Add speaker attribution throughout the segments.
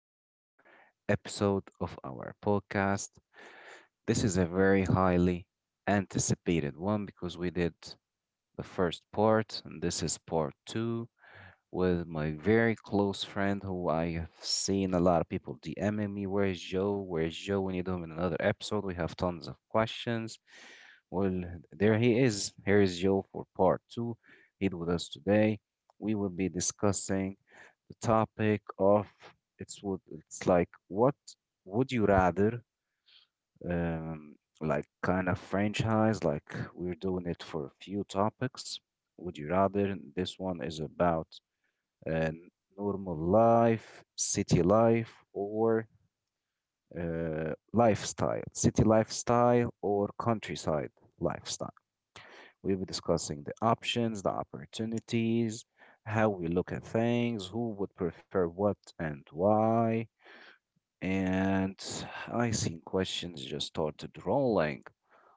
Speaker 1: to a new episode of our podcast. This is a very highly anticipated one because we did the first part, and this is part two with my very close friend who I have seen a lot of people DMing me. Where's Joe? Where's Joe? We need him in another episode. We have tons of questions. Well, there he is. Here is Joe for part two. He's with us today. We will be discussing the topic of it's what it's like what would you rather, like, kind of franchise, like we're doing it for a few topics. Would you rather— this one is about— and normal life, city life, or lifestyle, city lifestyle, or countryside lifestyle. We'll be discussing the options, the opportunities, how we look at things, who would prefer what and why. And I seen questions just started rolling.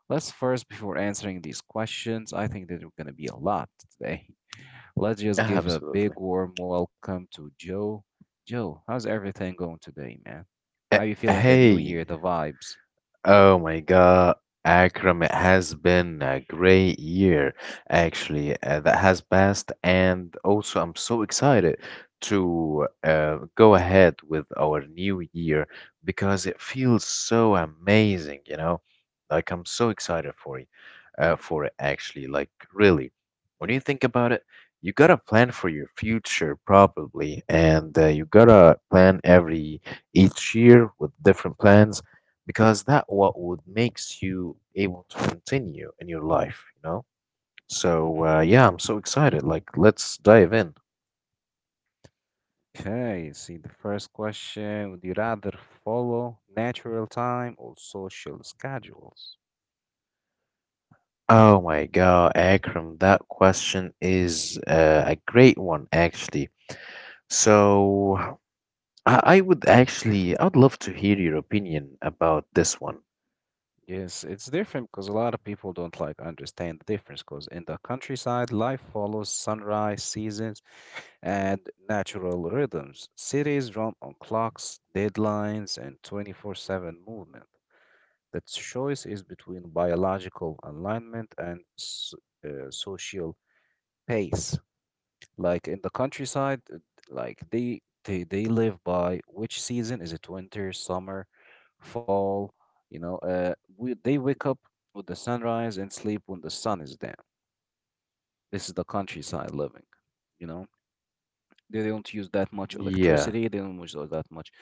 Speaker 1: Let's first, before answering these questions, I think that we're going to be a lot today. Let's just give a
Speaker 2: Absolutely.
Speaker 1: big warm welcome to Joe. Joe, how's everything going today, man? How
Speaker 2: Uh,
Speaker 1: you feeling the new year,
Speaker 2: hey,
Speaker 1: the vibes?
Speaker 2: Oh my God, Akram, it has been a great year actually, that has passed, and also I'm so excited to go ahead with our new year because it feels so amazing, you know? Like I'm so excited for it actually. Like really, when you think about it, you gotta plan for your future probably, and you gotta plan every each year with different plans because that what would makes you able to continue in your life, you know? So
Speaker 1: hmm
Speaker 2: yeah, I'm so excited. Like, let's dive in.
Speaker 1: Okay, see the first question, would you rather follow natural time or social schedules?
Speaker 2: Oh my God, Akram, that question is a great one, actually. So I would actually, I'd love to hear your opinion about this one.
Speaker 1: Yes, it's different because a lot of people don't like understand the difference because in the countryside, life follows sunrise seasons and natural rhythms. Cities run on clocks, deadlines, and 24/7 movement. The choice is between biological alignment and social pace. Like in the countryside, like they live by which season is it? Winter, summer, fall. You know, they wake up with the sunrise and sleep when the sun is down. This is the countryside living, you know. They don't use that much
Speaker 2: Yeah.
Speaker 1: electricity. They don't use that much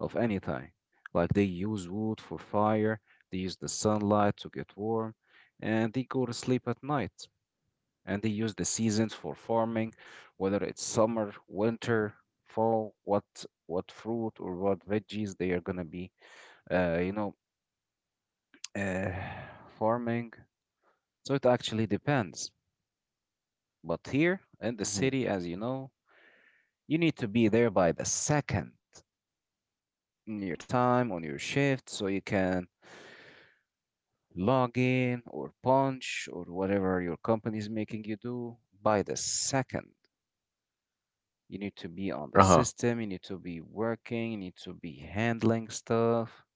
Speaker 1: of anything. Like they use wood for fire. They use the sunlight to get warm, and they go to sleep at night. And they use the seasons for farming, whether it's summer, winter, fall, what fruit or what veggies they are gonna be, uh, you know, uh, farming. So it actually depends. But here in the
Speaker 2: Hmm.
Speaker 1: city, as you know, you need to be there by the second, in your time on your shift so you can log in or punch or whatever your company is making you do by the second. You need to be on the
Speaker 2: Uh-huh.
Speaker 1: system, you need to be working, you need to be handling stuff.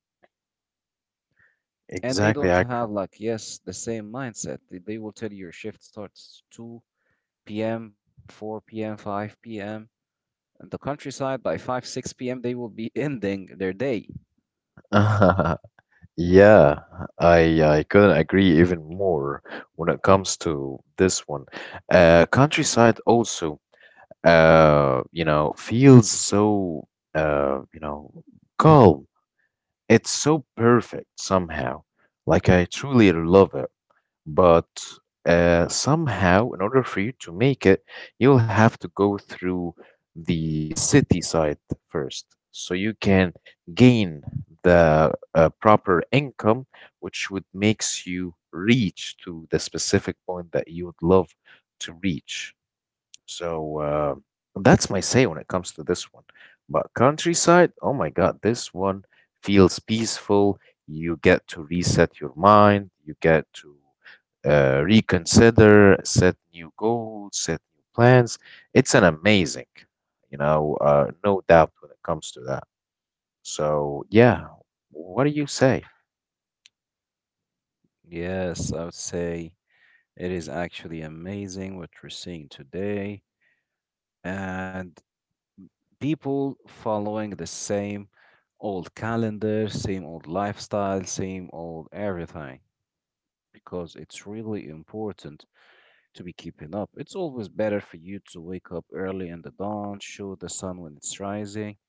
Speaker 1: And they
Speaker 2: Exactly,
Speaker 1: don't have
Speaker 2: Akram.
Speaker 1: like, yes, the same mindset. They will tell you your shift starts 2 p.m., 4 p.m., 5 p.m. In the countryside, by 5, 6 p.m., they will be ending their day.
Speaker 2: Yeah, I couldn't agree even more when it comes to this one. Countryside also, you know, feels so, you know, calm. It's so perfect somehow. Like I truly love it. But somehow, in order for you to make it, you'll have to go through the city side first, so you can gain the proper income, which would makes you reach to the specific point that you would love to reach. So that's my say when it comes to this one. But countryside, oh my God, this one feels peaceful. You get to reset your mind, you get to reconsider, set new goals, set new plans. It's an amazing, no doubt when it comes to that. So, yeah, what do you say?
Speaker 1: Yes, I would say it is actually amazing what we're seeing today, and people following the same old calendar, same old lifestyle, same old everything, because it's really important to be keeping up. It's always better for you to wake up early in the dawn, show the sun when it's rising,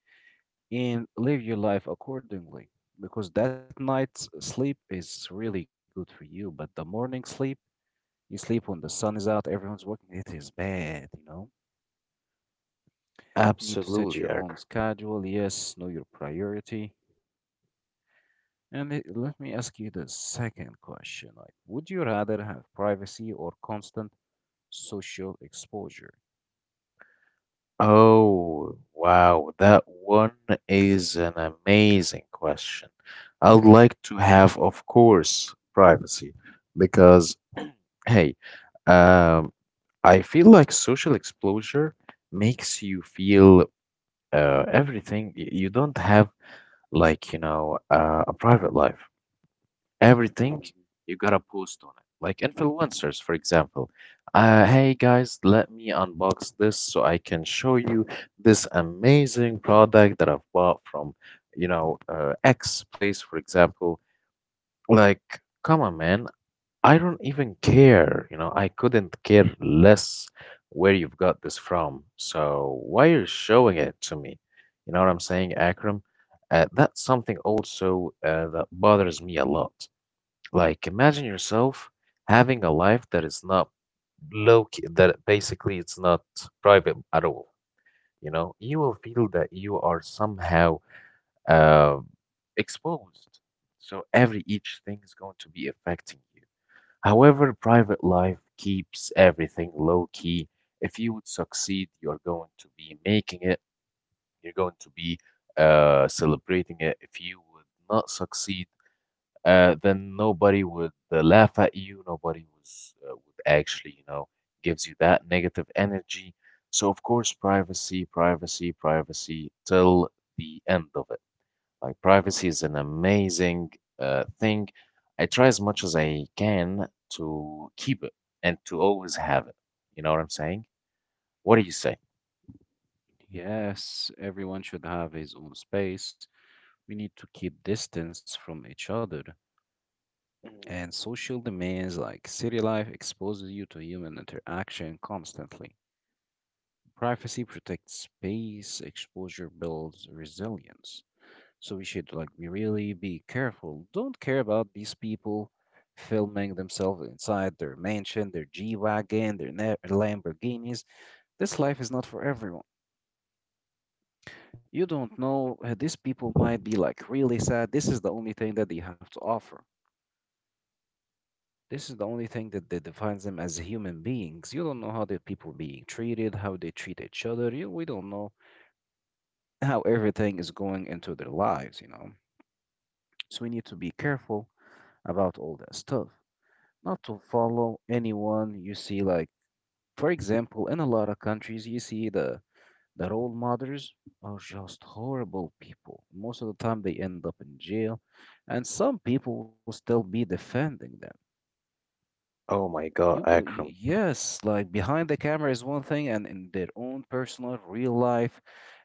Speaker 1: and live your life accordingly. Because that night's sleep is really good for you, but the morning sleep, you sleep when the sun is out, everyone's working, it is bad, you know? Need to set
Speaker 2: Absolutely,
Speaker 1: your
Speaker 2: Eric.
Speaker 1: own schedule. Yes, know your priority. And let me ask you the second question. Like, would you rather have privacy or constant social exposure?
Speaker 2: Oh, wow. That one is an amazing question. I'd like to have, of course, privacy because, hey, um, I feel like social exposure makes you feel everything. You don't have a private life. Everything
Speaker 1: Mhm.
Speaker 2: you gotta post on it. Like influencers, for example. Hey guys, let me unbox this so I can show you this amazing product that I've bought from, X place, for example. Like, come on, man. I don't even care, you know, I couldn't care less where you've got this from. So why are you showing it to me? You know what I'm saying, Akram? That's something also that bothers me a lot. Like, imagine yourself having a life that is not low key, that basically it's not private at all. You know, you will feel that you are somehow uh, exposed. So every each thing is going to be affecting you. However, private life keeps everything low key. If you would succeed, you're going to be making it, you're going to be celebrating it. If you would not succeed, then nobody would laugh at you. Would actually, you know, gives you that negative energy. So, of course, privacy, privacy, privacy till the end of it. Like privacy is an amazing thing. I try as much as I can to keep it and to always have it. You know what I'm saying? What do you say?
Speaker 1: Yes, everyone should have his own space. We need to keep distance from each other.
Speaker 2: Mm.
Speaker 1: And social demands like city life exposes you to human interaction constantly. Privacy protects space, exposure builds resilience. So we should like be really be careful. Don't care about these people filming themselves inside their mansion, their G-Wagon, their Lamborghinis. This life is not for everyone. You don't know, these people might be like really sad. This is the only thing that they have to offer. This is the only thing that defines them as human beings. You don't know how the people being treated, how they treat each other. We don't know how everything is going into their lives, you know. So we need to be careful about all that stuff. Not to follow anyone you see, like for example in a lot of countries you see the role models are just horrible people. Most of the time they end up in jail, and some people will still be defending them.
Speaker 2: Oh my God,
Speaker 1: you will y-
Speaker 2: Akram.
Speaker 1: yes, like behind the camera is one thing, and in their own personal real life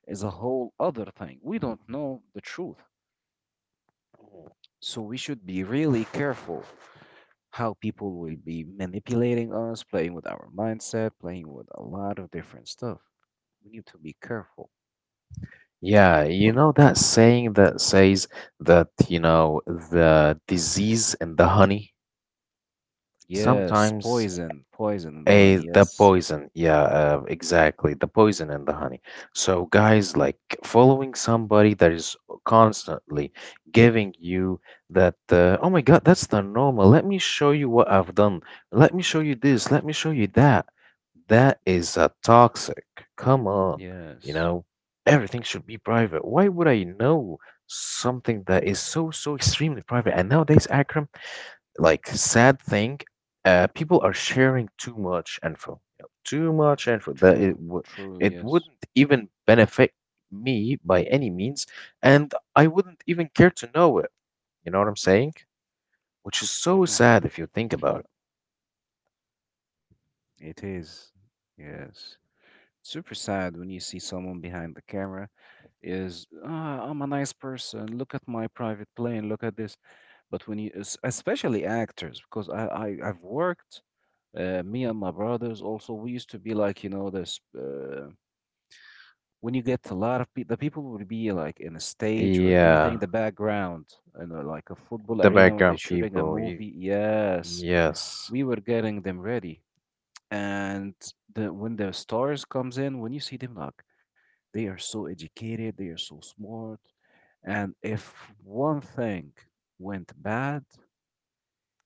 Speaker 1: is a whole other thing. We don't know the truth.
Speaker 2: Mhm.
Speaker 1: So we should be really careful how people will be manipulating us, playing with our mindset, playing with a lot of different stuff. We need to be careful.
Speaker 2: Yeah, you know that saying that says that, you know, the disease and the honey,
Speaker 1: Yes,
Speaker 2: sometimes
Speaker 1: poison, poison in the honey.
Speaker 2: A the
Speaker 1: Yes,
Speaker 2: poison, yeah, exactly. The poison and the honey. So, guys, like following somebody that is constantly giving you that, oh my God, that's the normal. Let me show you what I've done. Let me show you this. Let me show you that. That is a toxic. Come on, you
Speaker 1: yes,
Speaker 2: know, everything should be private. Why would I know something that is so, so extremely private? And nowadays, Akram, like sad thing people are sharing too much info, you know, too much info that
Speaker 1: true,
Speaker 2: it, would
Speaker 1: true.
Speaker 2: it
Speaker 1: Yes.
Speaker 2: wouldn't even benefit me by any means, and I wouldn't even care to know it. You know what I'm saying? Which is so
Speaker 1: hmm
Speaker 2: sad if you think about
Speaker 1: it is. Yes, super sad when you see someone behind the camera is, ah, I'm a nice person. Look at my private plane. Look at this. But when you, especially actors, because I've worked— me and my brothers also, we used to be like, you know, this when you get a lot of people, the people would be like in a
Speaker 2: it.
Speaker 1: stage or in anything,
Speaker 2: Yeah,
Speaker 1: the background, and like a football
Speaker 2: the
Speaker 1: arena when they're
Speaker 2: background
Speaker 1: shooting a
Speaker 2: people
Speaker 1: movie. Yes,
Speaker 2: yes.
Speaker 1: we were getting them ready. And the when the stars comes in, when you see them, like, they are so educated, they are so smart. And if one thing went bad,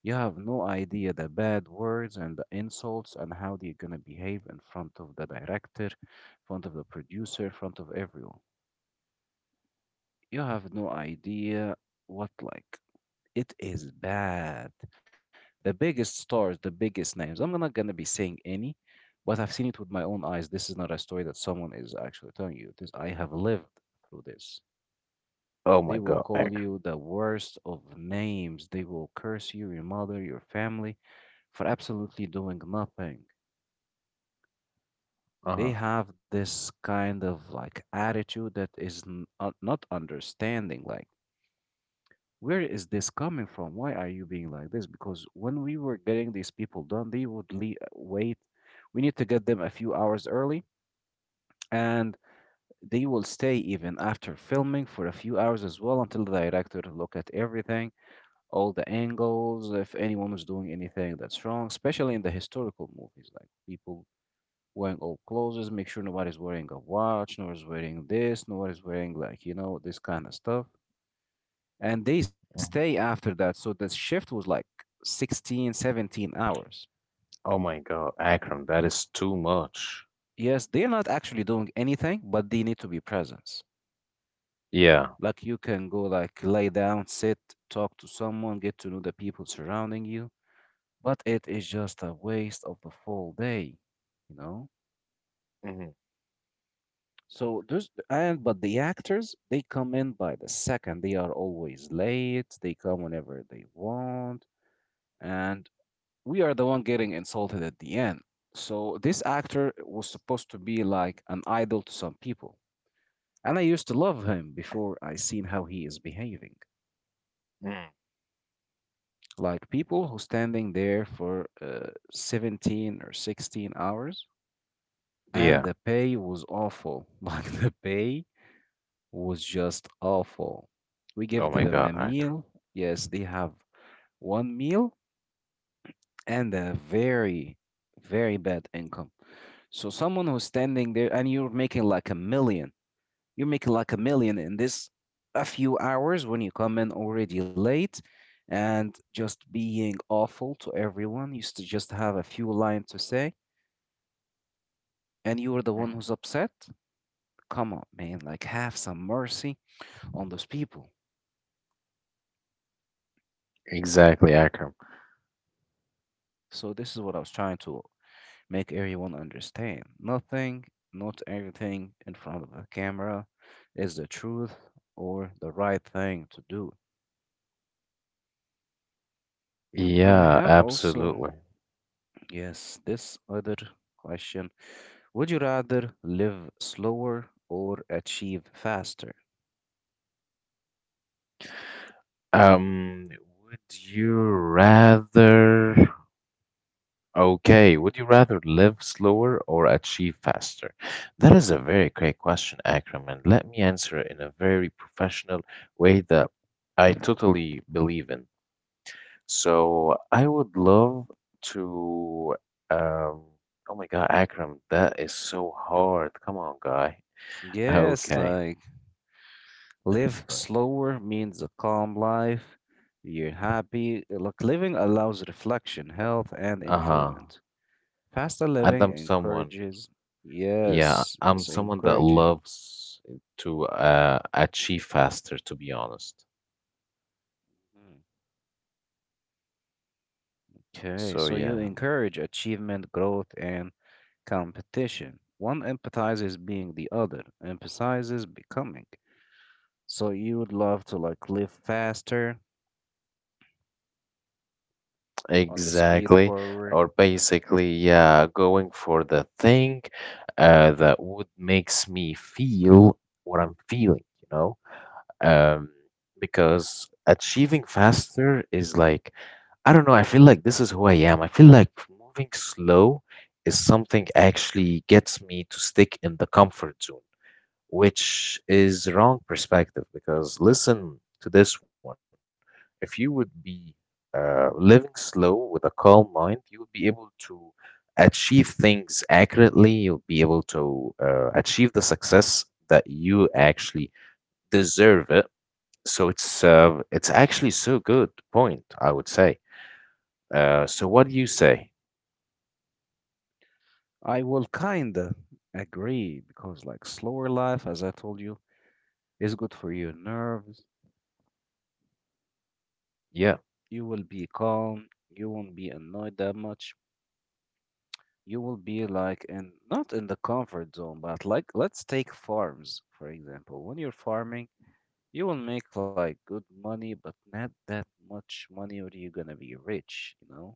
Speaker 1: you have no idea the bad words and the insults and how they're gonna behave in front of the director, in front of the producer, in front of everyone. You have no idea what like it is bad. The biggest stars, the biggest names. I'm not gonna be saying any, but I've seen it with my own eyes. This is not a story that someone is actually telling you. This I have lived through this.
Speaker 2: Oh
Speaker 1: They
Speaker 2: my
Speaker 1: will
Speaker 2: God,
Speaker 1: call you
Speaker 2: Akram.
Speaker 1: the worst of names. They will curse you, your mother, your family, for absolutely doing nothing. They
Speaker 2: Uh-huh.
Speaker 1: have this kind of like attitude that is not understanding, like, where is this coming from? Why are you being like this? Because when we were getting these people done, they would wait. We need to get them a few hours early, and they will stay even after filming for a few hours as well until the director look at everything, all the angles, if anyone was doing anything that's wrong, especially in the historical movies, like people wearing old clothes, make sure nobody's wearing a watch, nobody's wearing this, nobody's wearing like, you know, this kind of stuff. And they stay
Speaker 2: Mhm.
Speaker 1: after that. So the shift was like 16, 17 hours.
Speaker 2: Oh my God, Akram, that is too much.
Speaker 1: Yes, they're not actually doing anything, but they need to be present.
Speaker 2: Yeah.
Speaker 1: Like you can go like lay down, sit, talk to someone, get to know the people surrounding you. But it is just a waste of the full day, you know?
Speaker 2: Hmm.
Speaker 1: So there's and but the actors, they come in by the second. They are always late. They come whenever they want, and we are the one getting insulted at the end. So this actor was supposed to be like an idol to some people, and I used to love him before I seen how he is behaving. Like people who standing there for 17 or 16 hours, and
Speaker 2: Yeah.
Speaker 1: the pay was awful. Like the pay was just awful. We give
Speaker 2: Oh my
Speaker 1: them a
Speaker 2: God, Akram.
Speaker 1: meal. Yes, they have one meal and a very, very bad income. So someone who's standing there, and you're making like a million, you're making like a million in this a few hours when you come in already late and just being awful to everyone. You used to just have a few lines to say, and you are the one who's upset. Come on, man, like have some mercy on those people.
Speaker 2: Exactly, Akram.
Speaker 1: So this is what I was trying to make everyone understand. Nothing, not everything in front of the camera is the truth or the right thing to do. And I
Speaker 2: Yeah,
Speaker 1: have also,
Speaker 2: absolutely.
Speaker 1: yes, this other question. Would you rather live slower or achieve faster?
Speaker 2: Um, would you rather, okay, would you rather live slower or achieve faster? That is a very great question, Akram, and let me answer it in a very professional way that I totally believe in. So I would love to, um, oh my God, Akram, that is so hard. Come on, guy.
Speaker 1: Yes,
Speaker 2: Okay,
Speaker 1: like live
Speaker 2: right.
Speaker 1: slower means a calm life. You're happy. Like living allows reflection, health, and
Speaker 2: Uh-huh.
Speaker 1: enjoyment. Faster
Speaker 2: And
Speaker 1: living
Speaker 2: I'm someone,
Speaker 1: encourages—
Speaker 2: yeah,
Speaker 1: yes,
Speaker 2: I'm
Speaker 1: so
Speaker 2: someone that
Speaker 1: encouraging.
Speaker 2: loves to achieve faster, to be honest.
Speaker 1: Mhm. Okay,
Speaker 2: So,
Speaker 1: so you
Speaker 2: yeah,
Speaker 1: encourage achievement, growth, and competition. One emphasizes being, the other emphasizes becoming. So you would love to like live faster on the speed
Speaker 2: exactly.
Speaker 1: forward.
Speaker 2: Or basically, yeah, going for the thing that would makes me feel what I'm feeling, you know? Um, because achieving faster is like, I don't know, I feel like this is who I am. I feel like moving slow is something actually gets me to stick in the comfort zone, which is wrong perspective because listen to this one. If you would be living slow with a calm mind, you would be able to achieve things accurately. You'll be able to achieve the success that you actually deserve it. So it's actually so good point, I would say. So what do you say?
Speaker 1: I will kinda agree because like slower life, as I told you, is good for your nerves.
Speaker 2: Yeah,
Speaker 1: You will be calm. You won't be annoyed that much. You will be like in— not in the comfort zone, but like let's take farms, for example. When you're farming, you will make like good money, but not that much money, or you're gonna be rich, you know.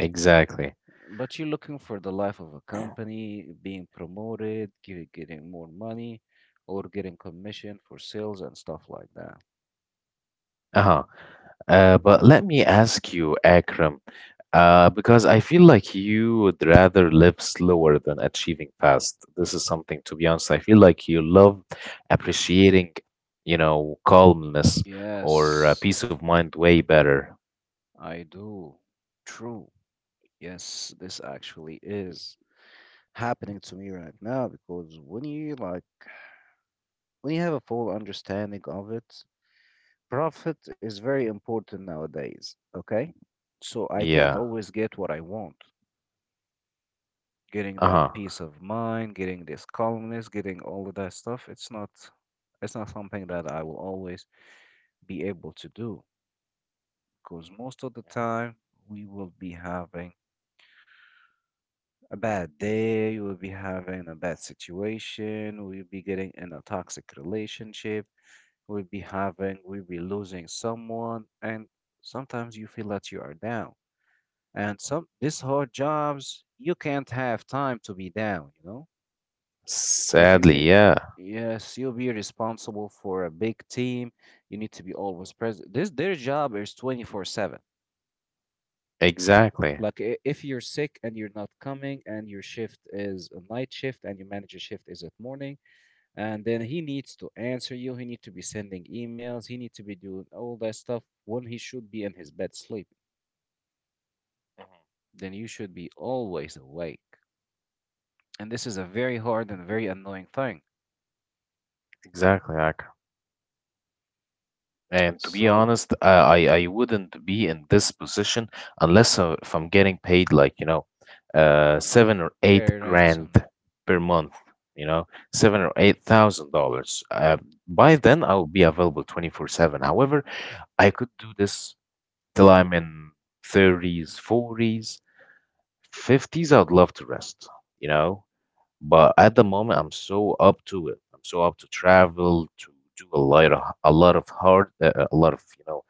Speaker 2: exactly.
Speaker 1: But you're looking for the life of a company, being promoted, getting more money, or getting commission for sales and stuff like that.
Speaker 2: Uh-huh. But let me ask you, Akram, because I feel like you would rather live slower than achieving fast. This is something, to be honest, I feel like you love appreciating, you know, calmness or
Speaker 1: Yes,
Speaker 2: peace of mind way better.
Speaker 1: I do. True. Yes, this actually is happening to me right now because when you have a full understanding of it, profit is very important nowadays. Okay. So I can't
Speaker 2: Yeah.
Speaker 1: always get what I want. Getting that
Speaker 2: Uh-huh.
Speaker 1: peace of mind, getting this calmness, getting all of that stuff, it's not something that
Speaker 2: Mhm,
Speaker 1: I will always be able to do because most of the
Speaker 2: mhm.
Speaker 1: time we will be having a bad day, we will be having a bad situation, we'll be getting in a toxic relationship. We'll be losing someone, and sometimes you feel that you are down. And some these hard jobs, you can't have time to be down, you know? Like
Speaker 2: Sadly, yeah.
Speaker 1: you'll be responsible for a big team. You need to be always present. This their job is 24/7. Like
Speaker 2: Exactly.
Speaker 1: if you're sick and you're not coming and your shift is a night shift and your manager shift is at morning, and then he needs to answer you, he needs to be sending emails, he needs to be doing all that stuff when he should be in his bed sleeping,
Speaker 2: Mhm.
Speaker 1: then you should be always awake, and this is a very hard and very annoying thing.
Speaker 2: Exactly. And to be
Speaker 1: So
Speaker 2: honest, uh, I
Speaker 1: mm,
Speaker 2: I wouldn't be in this position unless if I'm getting paid like, you know, seven or
Speaker 1: very
Speaker 2: eight
Speaker 1: randomly.
Speaker 2: grand per month, you know, seven or eight thousand dollars. By then I'll be available 24/7. However, I could do this till I'm in 30s, 40s, 50s. I'd love to rest, you know, but at the moment I'm so up to it. I'm so up to travel, to do a lot of hard, a lot of, you know,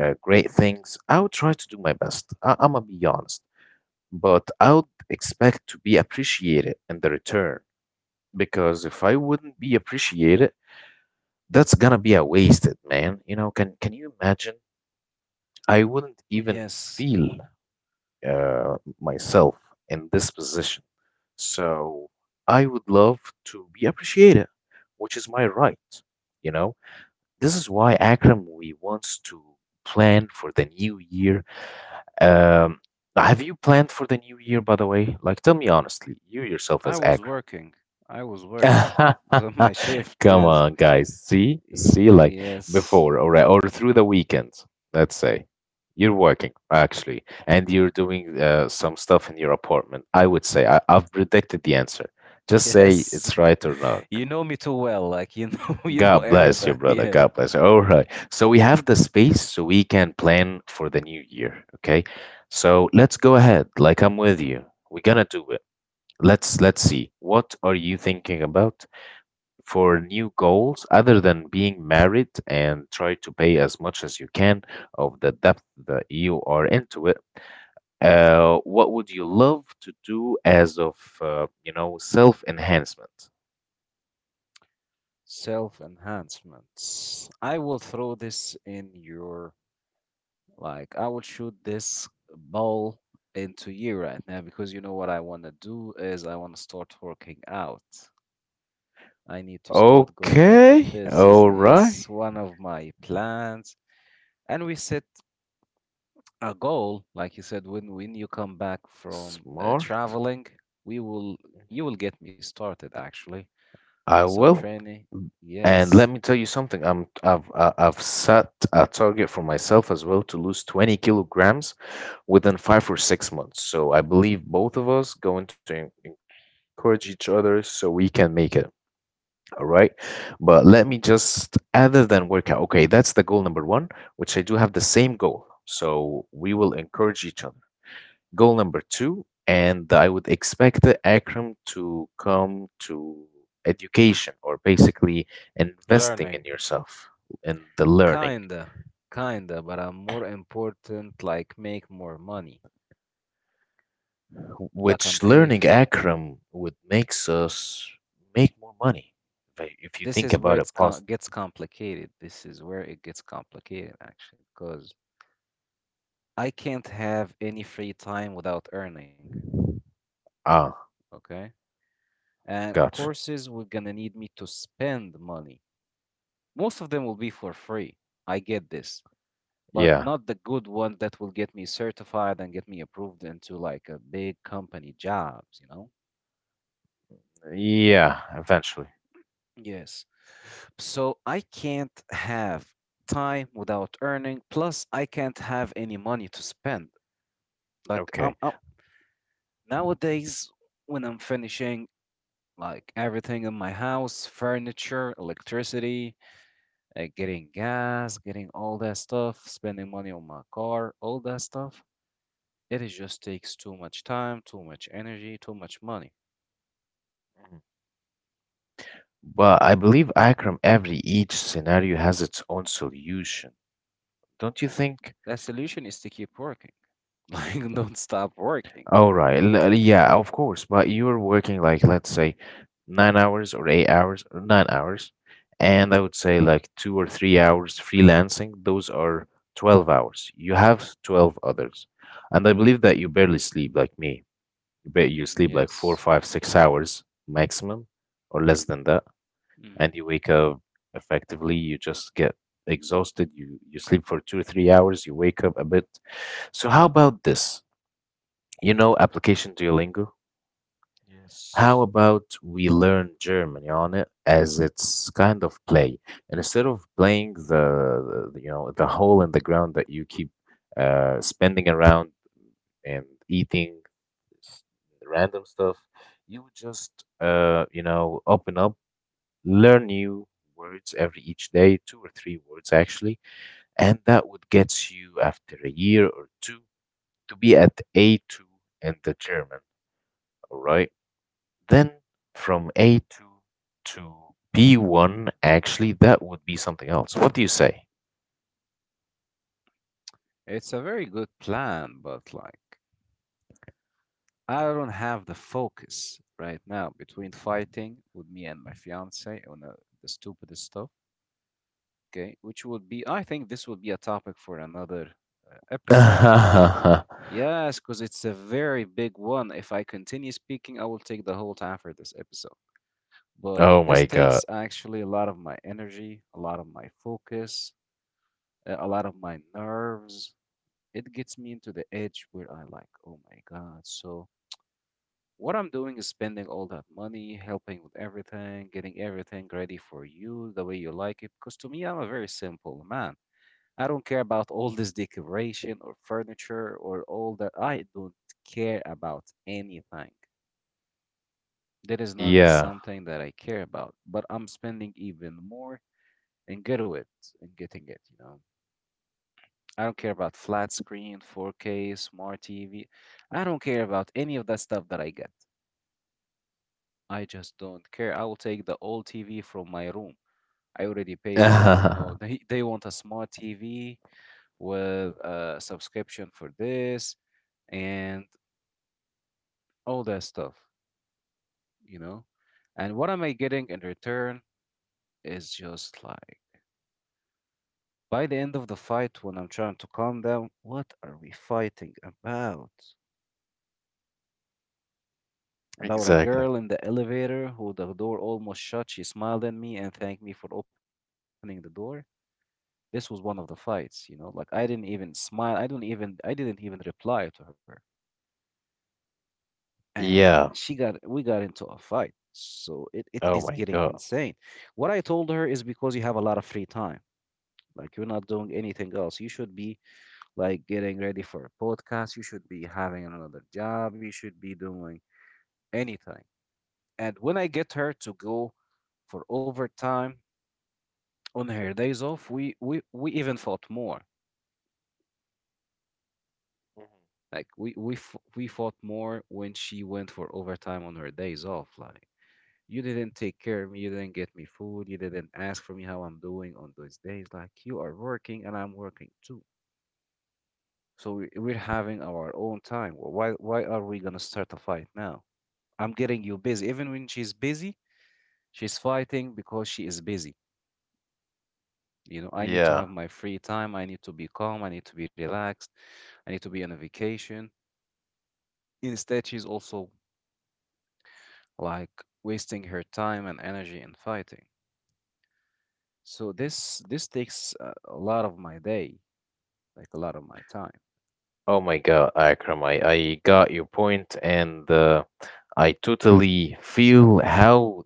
Speaker 2: great things, I would try to do my best. I'm gonna be honest, but I would expect to be appreciated in the return because if I wouldn't be appreciated, that's gonna be a wasted man. You know, can you imagine? I wouldn't even
Speaker 1: Yes,
Speaker 2: feel myself in this position. So I would love to be appreciated, which is my right. You know, this is why, Akram, we wants to plan for the new year. Um, have you planned for the new year, by the way? Like, tell me honestly, you yourself
Speaker 1: i
Speaker 2: as
Speaker 1: was
Speaker 2: Akram.
Speaker 1: working I was working. I was on my shift,
Speaker 2: Come
Speaker 1: yes.
Speaker 2: on, guys.
Speaker 1: Y-
Speaker 2: See, like
Speaker 1: yes.
Speaker 2: before, or through the weekend, let's say. You're working actually, and you're doing some stuff in your apartment. I would say I've predicted the answer. Just say
Speaker 1: Yes.
Speaker 2: it's right or wrong.
Speaker 1: You know me too well, like you know you know
Speaker 2: God bless you,
Speaker 1: everything
Speaker 2: brother.
Speaker 1: yeah.
Speaker 2: God bless you. All right. So we have the space so we can plan for the new year. Okay. So let's go ahead. Like I'm with you. We're gonna do it. Let's see. What are you thinking about for new goals other than being married and try to pay as much as you can of the depth that you are into it? What would you love to do as of you know, self enhancement?
Speaker 1: Self enhancements. I will throw this in your, like I will shoot this ball into you right now, because you know what I want to do is I want to start working out. I need to start going into
Speaker 2: Okay,
Speaker 1: this, is
Speaker 2: all right,
Speaker 1: yes one of my plans, and we set a goal like you said, when you come back from
Speaker 2: smart.
Speaker 1: traveling, we will, you will get me started actually on
Speaker 2: I
Speaker 1: some
Speaker 2: will.
Speaker 1: training.
Speaker 2: And
Speaker 1: Yes,
Speaker 2: let me tell you something. I've set a target for myself as well to lose 20 kilograms within 5 or 6 months. So I believe both of us going to encourage each other so we can make it. All right. But let me just other than workout. Okay, that's the goal number one, which I do have the same goal. So we will encourage each other. Goal number two, and I would expect Akram to come to education or basically investing in
Speaker 1: learning.
Speaker 2: yourself in the learning,
Speaker 1: Kinda, kinda, but I'm more important, like make more money. Like I'm
Speaker 2: which
Speaker 1: really,
Speaker 2: learning
Speaker 1: f-
Speaker 2: Akram would makes us make more money. If you
Speaker 1: this
Speaker 2: think
Speaker 1: is where
Speaker 2: about
Speaker 1: it's
Speaker 2: it, positive.
Speaker 1: gets complicated. This is where it gets complicated actually, because I can't have any free time without earning,
Speaker 2: Ah,
Speaker 1: okay? And
Speaker 2: gotcha.
Speaker 1: courses will gonna need me to spend money. Most of them will be for free. I get this, but
Speaker 2: Yeah,
Speaker 1: not the good one that will get me certified and get me approved into like a big company jobs, you know?
Speaker 2: yeah, eventually.
Speaker 1: Yes. So I can't have time without earning, plus I can't have any money to spend. Like I'm,
Speaker 2: Okay.
Speaker 1: I Nowadays, when I'm finishing like everything in my house, furniture, electricity, getting gas, getting all that stuff, spending money on my car, all that stuff, it is just takes too much time, too much energy, too much money.
Speaker 2: Mhm. But I believe, Akram, every each scenario has its own solution, don't you think?
Speaker 1: The solution is to keep working. Like don't stop working.
Speaker 2: All right. Yeah, of course. But you're working like let's say 9 hours or 8 hours or 9 hours, and I would say like 2 or 3 hours freelancing. Those are 12 hours. You have 12 others. And I believe that you barely sleep like me. You bet you sleep like four,
Speaker 1: Yes.
Speaker 2: five, 6 hours maximum or less than that. And you wake up effectively, you just get exhausted. You sleep for 2 or 3 hours, you wake up a bit. So how about this? You know application Duolingo? How
Speaker 1: Yes.
Speaker 2: about we learn German on it as it's kind of play, and instead of playing the the hole in the ground that you keep spending around and eating s- random stuff, you would just open up, learn new words every each day, two or three words actually, and that would get you after a year or two to be at A2 in the German. All right. Then from A2 to B1, actually, that would be something else. What do you say?
Speaker 1: It's a very good plan, but like I don't have the focus right now between fighting with me and my fiance on the stupidest stuff. Okay, which would be, I think this would be a topic for another episode. You know. Yes, because it's a very big one. If I continue speaking, I will take the whole time for this episode. But
Speaker 2: Oh
Speaker 1: this
Speaker 2: my God.
Speaker 1: takes actually a lot of my energy, a lot of my focus, a lot of my nerves. It gets me into the edge where I like, oh my God. So what I'm doing is spending all that money, helping with everything, getting everything ready for you the way you like it. Because to me, I'm a very simple man. I don't care about all this decoration or furniture or all that. I don't care about anything. That is not
Speaker 2: Yeah.
Speaker 1: something that I care about. But I'm spending even more and get with and getting it, you know. I don't care about flat screen, 4K, smart TV. I don't care about any of that stuff that I get. I just don't care. I will take the old TV from my room. I already paid for it. No, they want a smart TV with a subscription for this and all that stuff, you know? And what am I getting in return is just like, by the end of the fight, when I'm trying to calm down, what are we fighting about? About a
Speaker 2: Exactly.
Speaker 1: girl in the elevator who the door almost shut. She smiled at me and thanked me for opening the door. This was one of the fights, you know. Like I didn't even smile. I didn't even reply to her. And she
Speaker 2: Yeah.
Speaker 1: got we got into a fight. So it
Speaker 2: Oh
Speaker 1: is
Speaker 2: my
Speaker 1: getting
Speaker 2: God.
Speaker 1: insane. What I told her is because you have a lot of free time. Like you're not doing anything else. You should be like getting ready for a podcast. You should be having another job. You should be doing anything. And when I get her to go for overtime on her days off, we even fought more.
Speaker 2: Mhm.
Speaker 1: Like we fought more when she went for overtime on her days off. Like you didn't take care of me, you didn't get me food, you didn't ask for me how I'm doing on those days. Like you are working and I'm working too. So we're having our own time. Why are we gonna start a fight now? I'm getting you busy. Even when she's busy, she's fighting because she is busy. You know, I need to
Speaker 2: Yeah.
Speaker 1: have my free time. I need to be calm. I need to be relaxed. I need to be on a vacation. Instead, she's also like wasting her time and energy in fighting. So this takes a lot of my day, like a lot of my time.
Speaker 2: Oh my God, Akram, I got your point, and I totally feel how,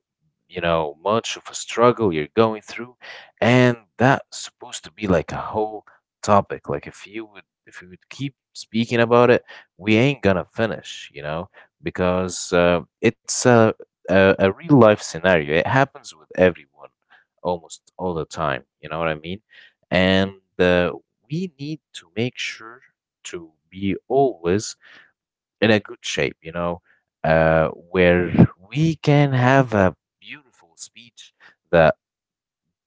Speaker 2: you know, much of a struggle you're going through, and that's supposed to be like a whole topic. Like if you would keep speaking about it, we ain't gonna finish, you know, because it's a real life scenario. It happens with everyone almost all the time. You know what I mean? And uh, we need to make sure to be always in a good shape, you know, where we can have a beautiful speech that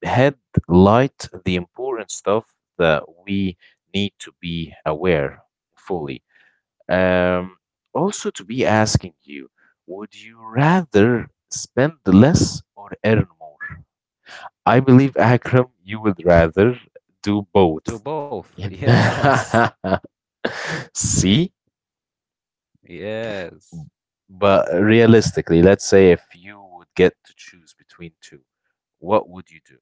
Speaker 2: headlight the important stuff that we need to be aware fully. Um, also, to be asking you, would you rather spend less or earn more? I believe, Akram, you would rather do both.
Speaker 1: Do both. Yes.
Speaker 2: See?
Speaker 1: Yes.
Speaker 2: But realistically, let's say if you would get to choose between two, what would you do?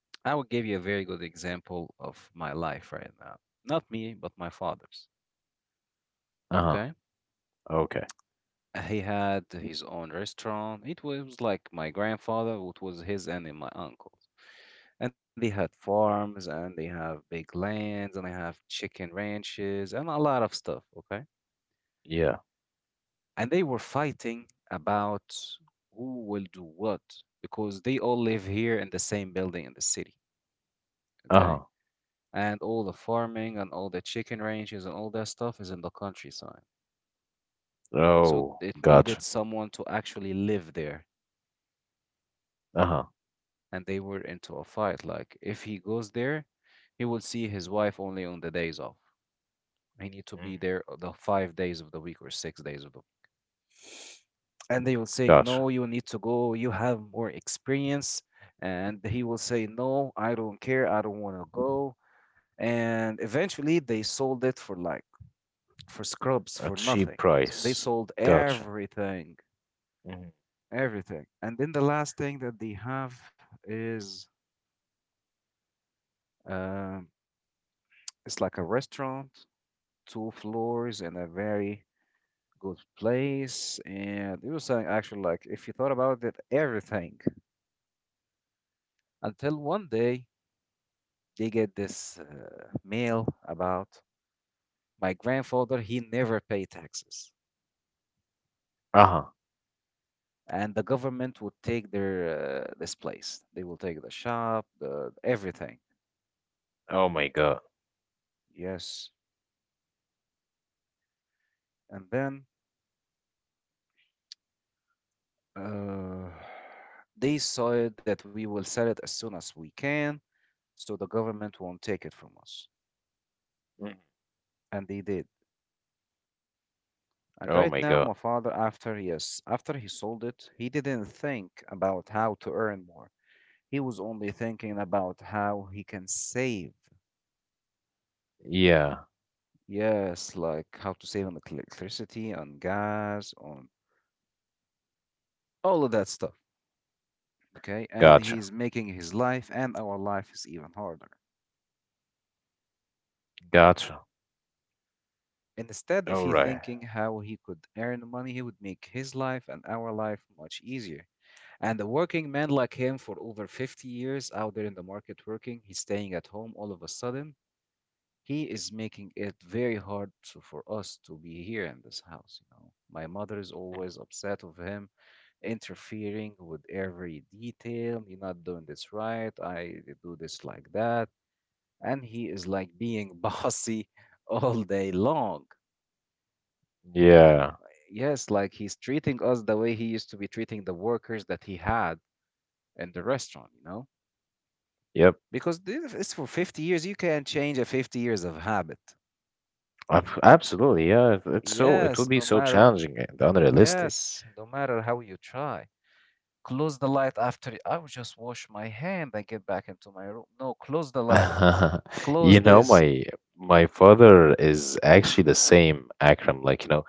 Speaker 1: I will give you a very good example of my life right now. Not me, but my father's.
Speaker 2: Uh-huh.
Speaker 1: Okay?
Speaker 2: Okay.
Speaker 1: He had his own restaurant. It was like my grandfather, it was his, and then my uncle. And they had farms, and they have big lands, and they have chicken ranches and a lot of stuff, okay.
Speaker 2: Yeah.
Speaker 1: And they were fighting about who will do what, because they all live here in the same building in the city, okay,
Speaker 2: Uh-huh.
Speaker 1: and all the farming and all the chicken ranches and all that stuff is in the countryside. So
Speaker 2: Oh,
Speaker 1: it needed
Speaker 2: gotcha.
Speaker 1: someone to actually live there,
Speaker 2: Uh-huh.
Speaker 1: and they were into a fight, like if he goes there, he will see his wife only on the days off. I need to
Speaker 2: Mm.
Speaker 1: be there, the five days of the week, or six days of the. And they will saying,
Speaker 2: Gotcha.
Speaker 1: no, you need to go. You have more experience. And he will say, no, I don't care. I don't want to go. And eventually they sold it for like, for scrubs,
Speaker 2: A
Speaker 1: for nothing.
Speaker 2: cheap
Speaker 1: They
Speaker 2: price.
Speaker 1: sold
Speaker 2: Gotcha.
Speaker 1: everything,
Speaker 2: Mhm.
Speaker 1: everything. And then the last thing that they have is, um it's like a restaurant, two floors and a very good place, and it was like, actually like if you thought about it, everything. Until one day they get this mail about my grandfather. He never paid taxes,
Speaker 2: Uh-huh.
Speaker 1: and the government would take their this place. They will take the shop, the everything.
Speaker 2: Oh my God.
Speaker 1: Yes, and then uh, they saw it that we will sell it as soon as we can, so the government won't take it from us,
Speaker 2: Mhm.
Speaker 1: and they did. And right
Speaker 2: Oh
Speaker 1: now,
Speaker 2: my
Speaker 1: my
Speaker 2: God.
Speaker 1: father, after, yes, after he sold it, he didn't think about how to earn more. He was only thinking about how he can save.
Speaker 2: Yeah.
Speaker 1: Yes, like how to save on electricity, on gas, on all of that stuff. Okay, and
Speaker 2: Gotcha.
Speaker 1: he's making his life and our life is even harder.
Speaker 2: Gotcha.
Speaker 1: Instead, if
Speaker 2: All
Speaker 1: he
Speaker 2: right.
Speaker 1: thinking how he could earn money, he would make his life and our life much easier. And a working man like him for over 50 years out there in the market working, he's staying at home all of a sudden. He is making it very hard to, for us to be here in this house, you know. My mother is
Speaker 2: Mhm.
Speaker 1: always upset of him interfering with every detail. You're not doing this right. I do this like that. And he is like being bossy all day long.
Speaker 2: Yeah.
Speaker 1: Yes, like he's treating us the way he used to be treating the workers that he had in the restaurant, you know?
Speaker 2: Yep.
Speaker 1: Because this is for 50 years. You can't change a 50 years of habit.
Speaker 2: Absolutely. Yeah. It's so, it
Speaker 1: yes
Speaker 2: would be
Speaker 1: no
Speaker 2: so
Speaker 1: matter
Speaker 2: challenging and unrealistic.
Speaker 1: yes no matter how you try. Close the light. After I will just wash my hand and get back into my room. No, close the light.
Speaker 2: You
Speaker 1: Close
Speaker 2: know,
Speaker 1: this.
Speaker 2: my father is actually the same, Akram, like, you know,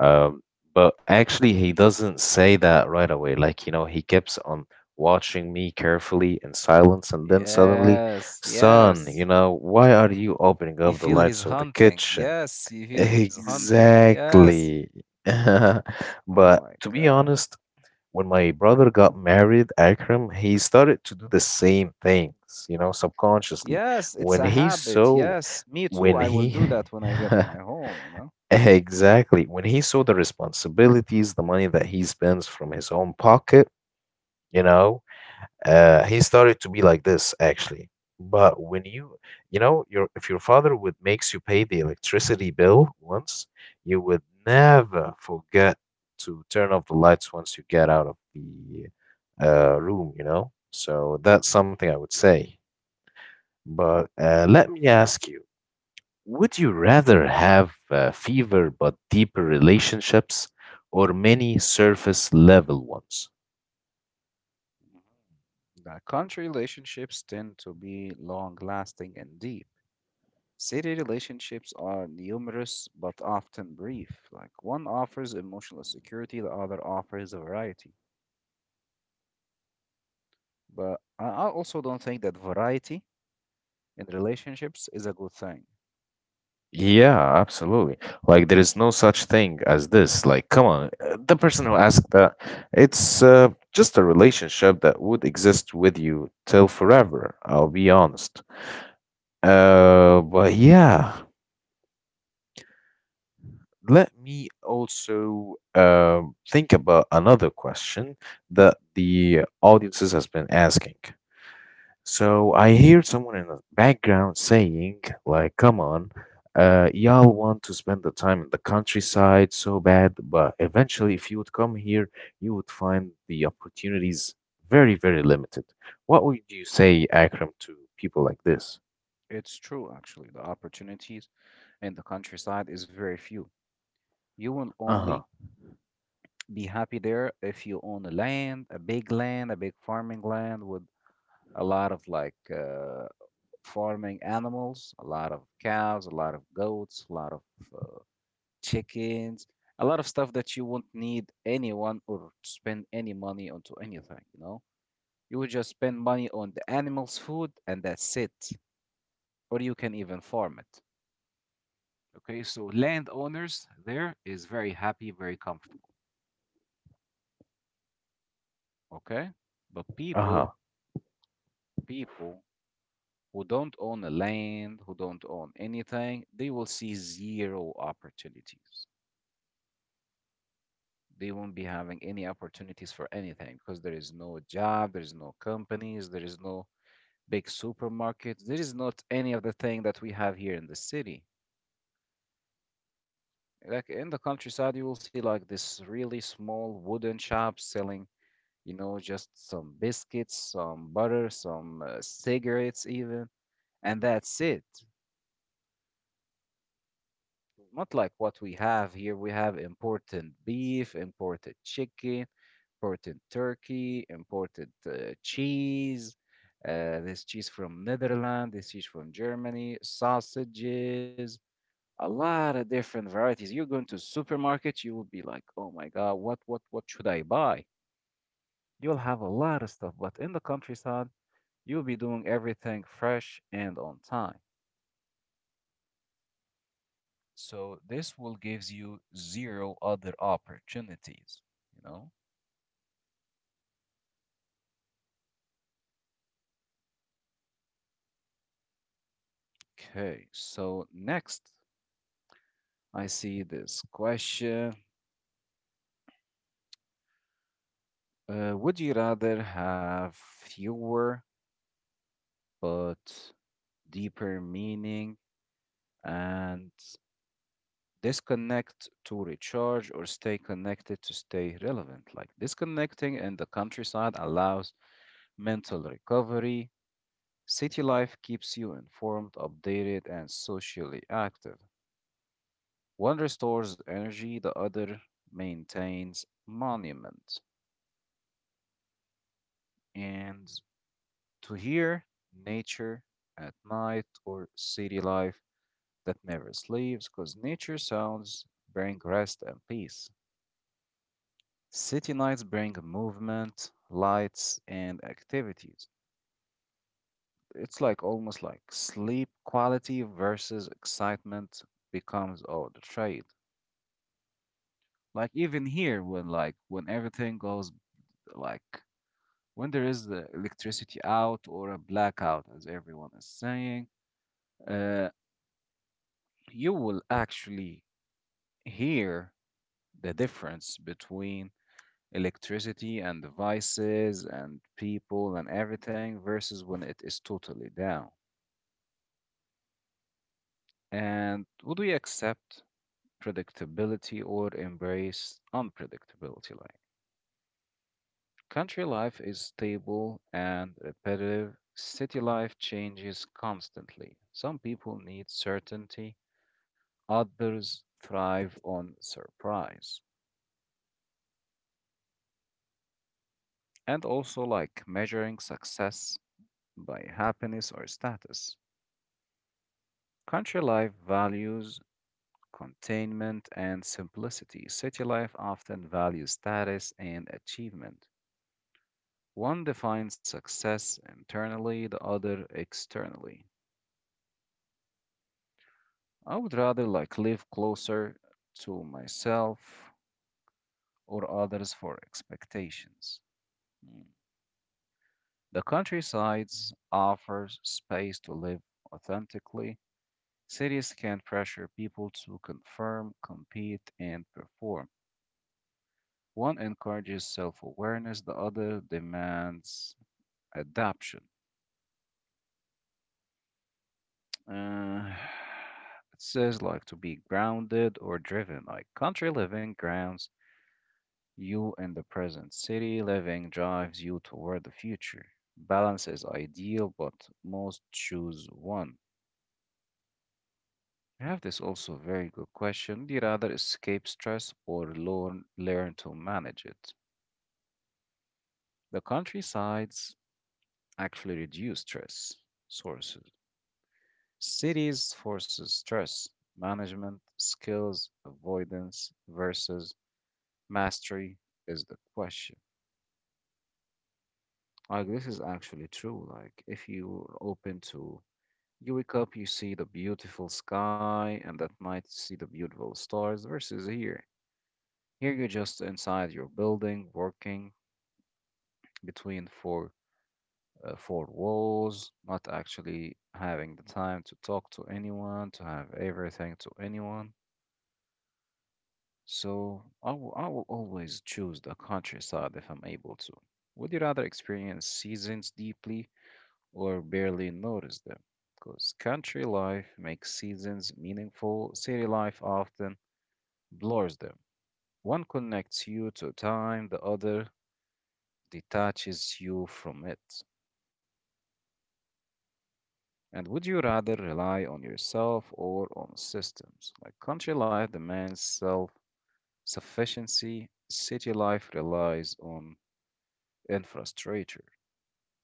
Speaker 2: um, but actually he doesn't say that right away. Like, you know, he keeps on watching me carefully in silence, and then suddenly,
Speaker 1: yes
Speaker 2: son, you
Speaker 1: yes
Speaker 2: know, why are you opening
Speaker 1: You
Speaker 2: up the
Speaker 1: feel his
Speaker 2: lights of the
Speaker 1: hunting.
Speaker 2: kitchen?
Speaker 1: Yes
Speaker 2: Exactly.
Speaker 1: oh
Speaker 2: But
Speaker 1: my
Speaker 2: to be
Speaker 1: god.
Speaker 2: honest, when my brother got married, Akram, he started to do the same things, you know, subconsciously.
Speaker 1: Yes, it's a
Speaker 2: When he
Speaker 1: habit.
Speaker 2: saw,
Speaker 1: Yes, me too.
Speaker 2: when
Speaker 1: I will
Speaker 2: he,
Speaker 1: do that when I get to my home.
Speaker 2: exactly, when he saw the responsibilities, the money that he spends from his own pocket, you know, he started to be like this actually. But you know, your if your father would makes you pay the electricity bill once, you would never forget to turn off the lights once you get out of the room, you know? So that's something I would say. But let me ask you, would you rather have fever but deeper relationships or many surface level ones?
Speaker 1: The country relationships tend to be long lasting and deep. City relationships are numerous but often brief. Like, one offers emotional security, the other offers variety. But I also don't think that variety in relationships is a good thing.
Speaker 2: Yeah, absolutely. Like there is no such thing as this. Like, come on, the person who asked that, it's just a relationship that would exist with you till forever. I'll be honest. But yeah, let me also think about another question that the audiences has been asking. So I hear someone in the background saying, like, come on, y'all want to spend the time in the countryside so bad, but eventually, if you would come here, you would find the opportunities very, very limited. What would you say, Akram, to people like this?
Speaker 1: It's true, actually. The opportunities in the countryside is very few. You will only
Speaker 2: Uh-huh.
Speaker 1: be happy there if you own a land, a big farming land with a lot of like farming animals, a lot of cows, a lot of goats, a lot of uh, chickens, a lot of stuff that you won't need anyone or spend any money onto anything, you know? You would just spend money on the animals' food and that's it. Or you can even farm it. Okay, so landowners there is very happy, very comfortable. Okay? But
Speaker 2: Uh-huh.
Speaker 1: people, people who don't own a land, who don't own anything, they will see zero opportunities. They won't be having any opportunities for anything because there is no job, there is no companies, there is no big supermarkets, there is not any of the thing that we have here in the city. Like in the countryside, you will see like this really small wooden shop selling, you know, just some biscuits, some butter, some cigarettes, even, and that's it. Not like what we have here. We have imported beef, imported chicken, imported turkey, imported cheese. This cheese from Netherlands, this cheese from Germany, sausages, a lot of different varieties. You go into to supermarkets, you will be like, oh my God, what should I buy? You'll have a lot of stuff, but in the countryside, you'll be doing everything fresh and on time. So this will gives you zero other opportunities, you know? Okay, so next I see this question. Would you rather have fewer but deeper meaning and disconnect to recharge or stay connected to stay relevant? Like, disconnecting in the countryside allows mental recovery. City life keeps you informed, updated, and socially active. One restores energy, the other maintains monument. And to hear nature at night or city life that never sleeps, because nature sounds bring rest and peace. City nights bring movement, lights, and activities. It's like almost like sleep quality versus excitement becomes all the trade. Like even here, when like when everything goes like when there is the electricity out or a blackout, as everyone is saying, uh, you will actually hear the difference between electricity and devices and people and everything versus when it is totally down. And would we accept predictability or embrace unpredictability? Like, country life is stable and repetitive. City life changes constantly. Some people need certainty. Others thrive on surprise. And also like measuring success by happiness or status. Country life values containment and simplicity. City life often values status and achievement. One defines success internally, the other externally. I would rather like live closer to myself or others for expectations. Hmm. The countrysides offers space to live authentically. Cities can pressure people to conform, compete, and perform. One encourages self awareness, the other demands adaption. Uh, it says, like, to be grounded or driven, like, country living grounds you in the present, city living drives you toward the future. Balance is ideal, but most choose one. I have this also very good question. Do you rather escape stress or learn to manage it? The countrysides actually reduce stress sources. Cities forces stress management skills avoidance versus mastery is the question. Like, this is actually true. Like, if you're open to you wake up, you see the beautiful sky, and at night you see the beautiful stars versus here. Here you're just inside your building, working between four walls, not actually having the time to talk to anyone, to have everything to anyone. So I will always choose the countryside if I'm able to. Would you rather experience seasons deeply or barely notice them? Because country life makes seasons meaningful, city life often blurs them. One connects you to time, the other detaches you from it. And would you rather rely on yourself or on systems? Like, country life demands self sufficiency, city life relies on infrastructure,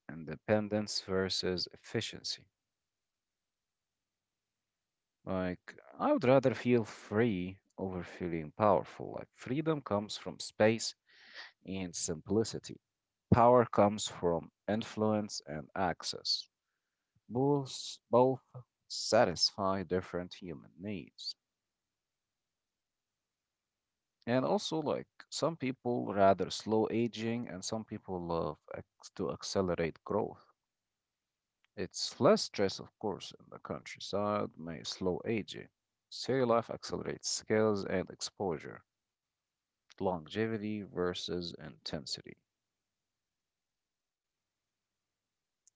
Speaker 1: independence versus efficiency. Like, I would rather feel free over feeling powerful. Like, freedom comes from space and simplicity, power comes from influence and access. Both satisfy different human needs. And also like, some people rather slow aging and some people love to accelerate growth. It's less stress, of course, in the countryside may slow aging. City life accelerates skills and exposure, longevity versus intensity.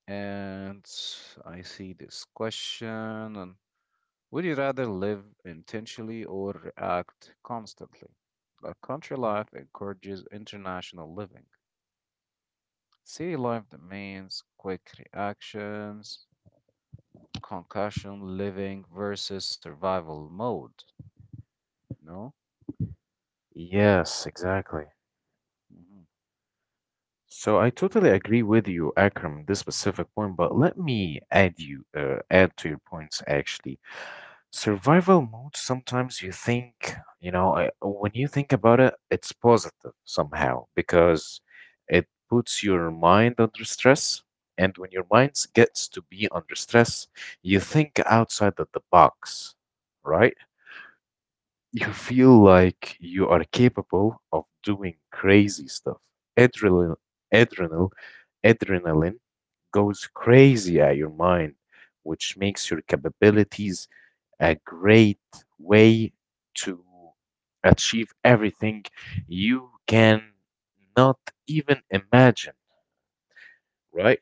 Speaker 1: And I see this question. And would you rather live intentionally or react constantly? The country life encourages international living. City life demands quick reactions, concussion living versus survival mode. No?
Speaker 2: Yes, exactly.
Speaker 1: Hmm.
Speaker 2: So I totally agree with you, Akram, in this specific point, but let me add you, add to your points actually. Survival mode, sometimes you think, you know, when you think about it, it's positive somehow because it puts your mind under stress. And when your mind gets to be under stress, you think outside of the box, right? You feel
Speaker 1: Hmm.
Speaker 2: like you are capable of doing crazy stuff. Adrenaline, adrenal, adrenaline goes crazy at your mind, which makes your capabilities a great way to achieve everything you can not even imagine, right?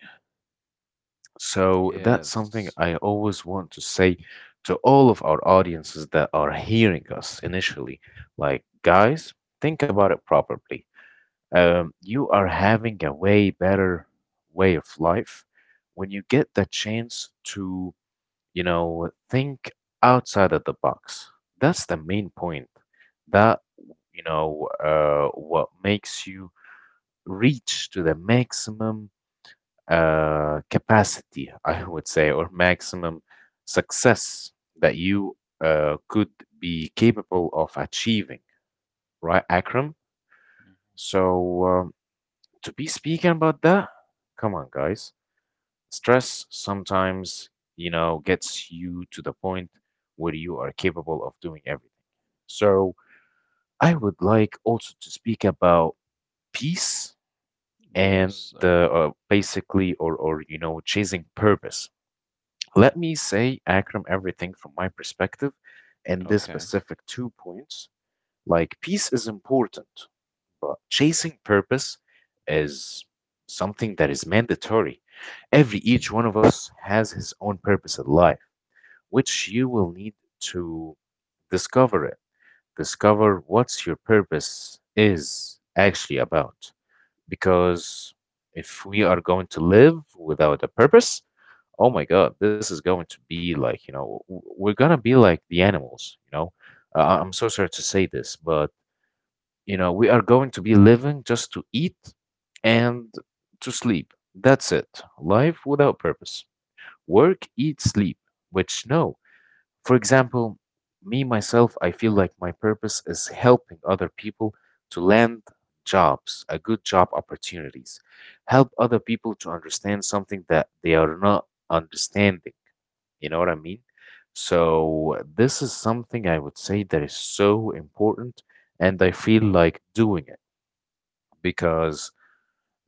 Speaker 2: So that's
Speaker 1: Yes.
Speaker 2: something I always want to say to all of our audiences that are hearing us initially. Like, guys, think about it properly. You are having a way better way of life when you get the chance to you know, think outside of the box. That's the main point. That, you know, what makes you reach to the maximum capacity, I would say, or maximum success that you could be capable of achieving, right, Akram?
Speaker 1: Mhm.
Speaker 2: So, to be speaking about that, come on, guys. Stress sometimes, you know, gets you to the point where you are capable of doing everything. So I would like also to speak about peace and
Speaker 1: Yes. I,
Speaker 2: the basically or you know chasing purpose. Let me say Akram everything from my perspective and this
Speaker 1: okay.
Speaker 2: specific two points. Like peace is important, but chasing purpose is something that is mandatory. Every each one of us has his own purpose in life, which you will need to discover it. Discover what's your purpose is actually about. Because if we are going to live without a purpose, oh my God, this is going to be like, you know, we're going to be like the animals, you know.
Speaker 1: Mhm.
Speaker 2: I'm so sorry to say this, but you know, we are going to be living just to eat and to sleep. That's it. Life without purpose. Work, eat, sleep. Which, no, for example, me myself, I feel like my purpose is helping other people to land jobs, a good job opportunities, help other people to understand something that they are not understanding. You know what I mean? So, this is something I would say that is so important, and I feel like doing it because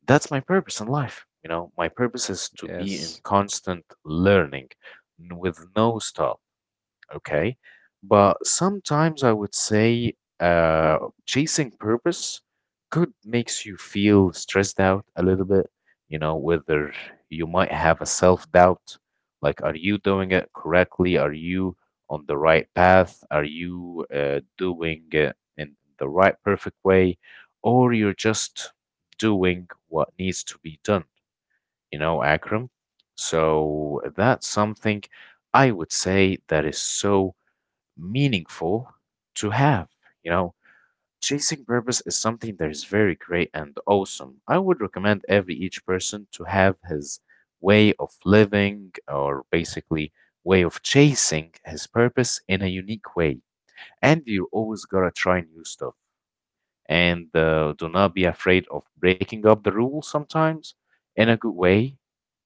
Speaker 2: that's my purpose in life. You know, my purpose is to be in
Speaker 1: Yes.
Speaker 2: constant learning with no stop okay? But sometimes I would say uh, chasing purpose could makes you feel stressed out a little bit, you know, whether you might have a self-doubt, like are you doing it correctly? Are you on the right path? Are you doing it in the right perfect way? Or you're just doing what needs to be done, you know, Akram? So that's something I would say that is so meaningful to have. You know, chasing purpose is something that is very great and awesome. I would recommend every each person to have his way of living or basically way of chasing his purpose in a unique way. And you always gotta try new stuff. And do not be afraid of breaking up the rules sometimes in a good way,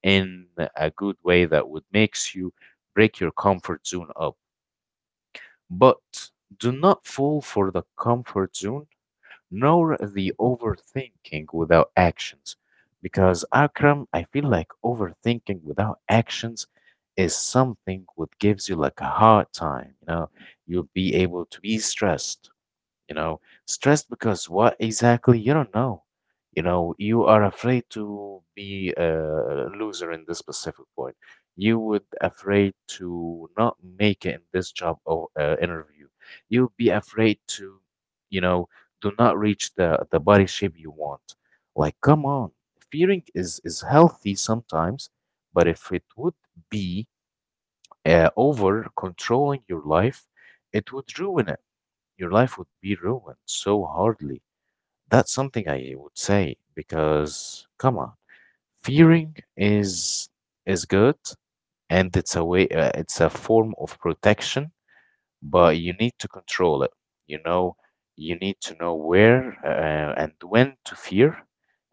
Speaker 2: in a good way that would makes you break your comfort zone up but do not fall for the comfort zone nor the overthinking without actions. Because, Akram, I feel like overthinking without actions is something what gives you like a hard time. You know, you'll be able to be stressed you know stressed because what exactly you don't know, you know you are afraid to be a loser in this specific point, you would afraid to not make it in this job or interview, you'd be afraid to, you know, do not reach the body shape you want, like come on, fearing is healthy sometimes, but if it would be over controlling your life, it would ruin it, your life would be ruined so hardly. That's something I would say because come on, fearing is good and it's a way it's a form of protection but you need to control it. You know, you need to know where and when to fear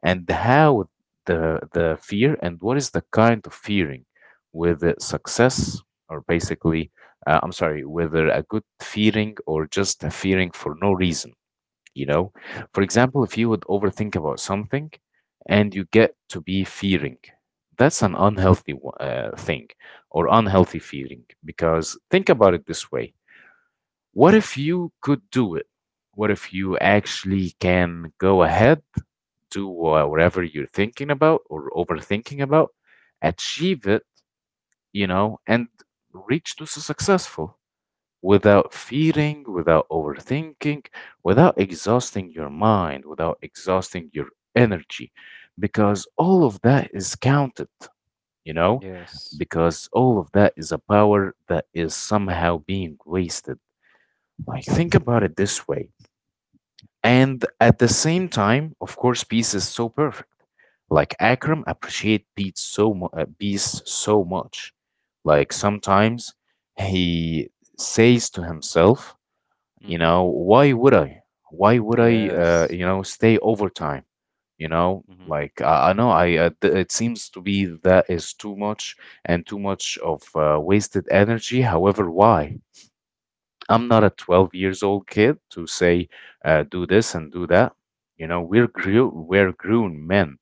Speaker 2: and how the fear and what is the kind of fearing, whether success or basically, I'm sorry, whether a good fearing or just a fearing for no reason. You know, for example, if you would overthink about something and you get to be fearing, that's an unhealthy thing or unhealthy feeling because think about it this way, what if you could do it? What if you actually can go ahead, do whatever you're thinking about or overthinking about, achieve it, you know, and reach to successful without fearing, without overthinking, without exhausting your mind, without exhausting your energy, because all of that is counted, you know,
Speaker 1: Yes.
Speaker 2: because all of that is a power that is somehow being wasted. Like, think about it this way. And at the same time, of course, peace is so perfect. Like Akram appreciate peace so peace so much. Like sometimes he says to himself, you
Speaker 1: Hmm.
Speaker 2: know, why would I? Why would I?
Speaker 1: Yes.
Speaker 2: You know, stay overtime. You know,
Speaker 1: Hmm.
Speaker 2: like I know I. It seems to be that is too much and too much of wasted energy. However, why? I'm not a 12 years old kid to say, do this and do that. You know, we're grown men.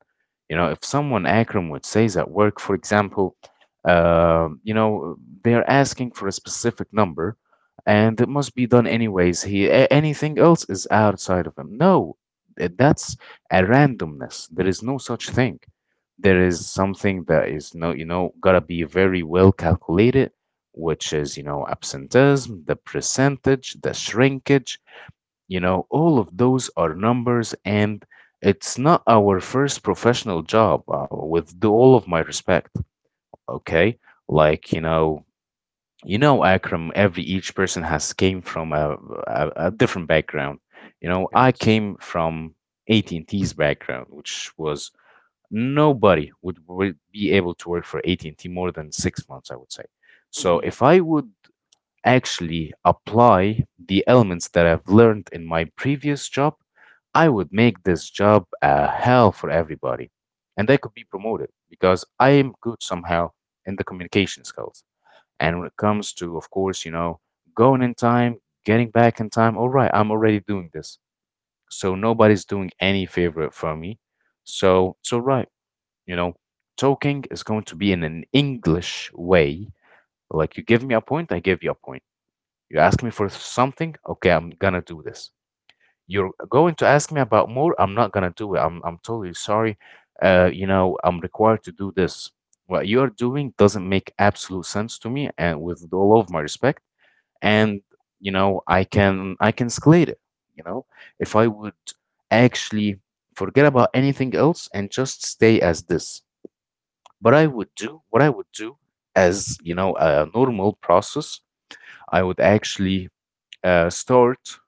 Speaker 2: You know, if someone Akram would says at work, for example, you know, they're asking for a specific number, and it must be done anyways. He anything else is outside of him. No, that's a randomness. There is no such thing. There is something that is no, gotta be very well calculated which is, absenteeism, the percentage, the shrinkage, all of those are numbers. And it's not our first professional job with the, all of my respect, okay? Like, you know, Akram, every each person has came from a different background. You know, I
Speaker 1: Yes.
Speaker 2: came from AT&T's background, which was nobody would be able to work for AT&T more than 6 months, I would say. So
Speaker 1: Hmm.
Speaker 2: if I would actually apply the elements that I've learned in my previous job, I would make this job a hell for everybody. And I could be promoted because I am good somehow in the communication skills. And when it comes to, of course, going in time, getting back in time, all right, I'm already doing this. So nobody's doing any favor for me. So it's all right. You know, talking is going to be in an English way. Like, you give me a point, I give you a point. You ask me for something? Okay, I'm gonna do this. You're going to ask me about more? I'm not gonna do it. I'm totally sorry. I'm required to do this. What you're doing doesn't make absolute sense to me, and with all of my respect, and you know, I can escalate it. You know, if I would actually forget about anything else and just stay as this. But I would do what I would do as, you know, a normal process. I would actually start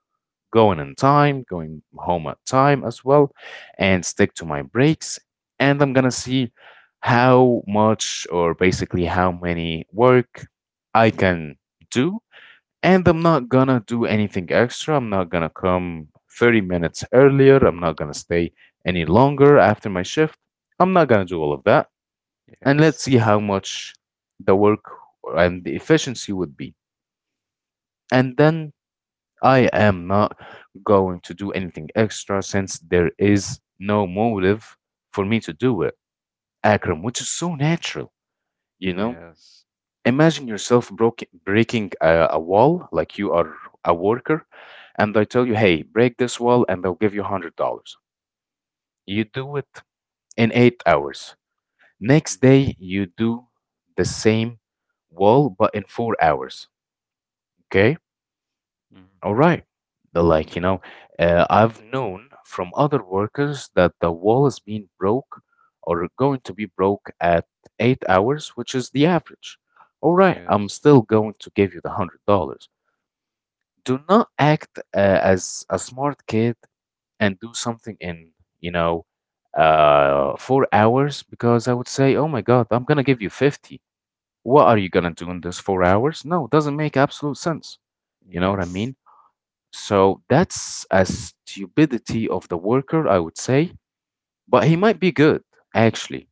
Speaker 2: going on time, going home at time as well, and stick to my breaks. And I'm gonna see how much or basically how many work I can do. And I'm not gonna do anything extra. I'm not gonna come 30 minutes earlier. I'm not gonna stay any longer after my shift. I'm not gonna do all of that. And let's
Speaker 1: Yes.
Speaker 2: see how much the work and the efficiency would be. And then I am not going to do anything extra since there is no motive for me to do it. Akram, which is so natural, you know?
Speaker 1: Yes.
Speaker 2: Imagine yourself broke, breaking a wall, like you are a worker, and I tell you, hey, break this wall and they'll give you $100. You do it in 8 hours. Next day, you do the same wall, but in 4 hours. Okay?
Speaker 1: Mhm.
Speaker 2: All right. The, I've known from other workers that the wall is being broke or going to be broke at 8 hours, which is the average. All right,
Speaker 1: Yes.
Speaker 2: I'm still going to give you the $100. Do not act as a smart kid and do something in, you know, 4 hours, because I would say, oh my God, I'm gonna give you 50. What are you gonna do in those 4 hours? No, doesn't make absolute sense. You know what I
Speaker 1: Yes.
Speaker 2: mean? So that's a stupidity of the worker, I would say, but he might be good, actually.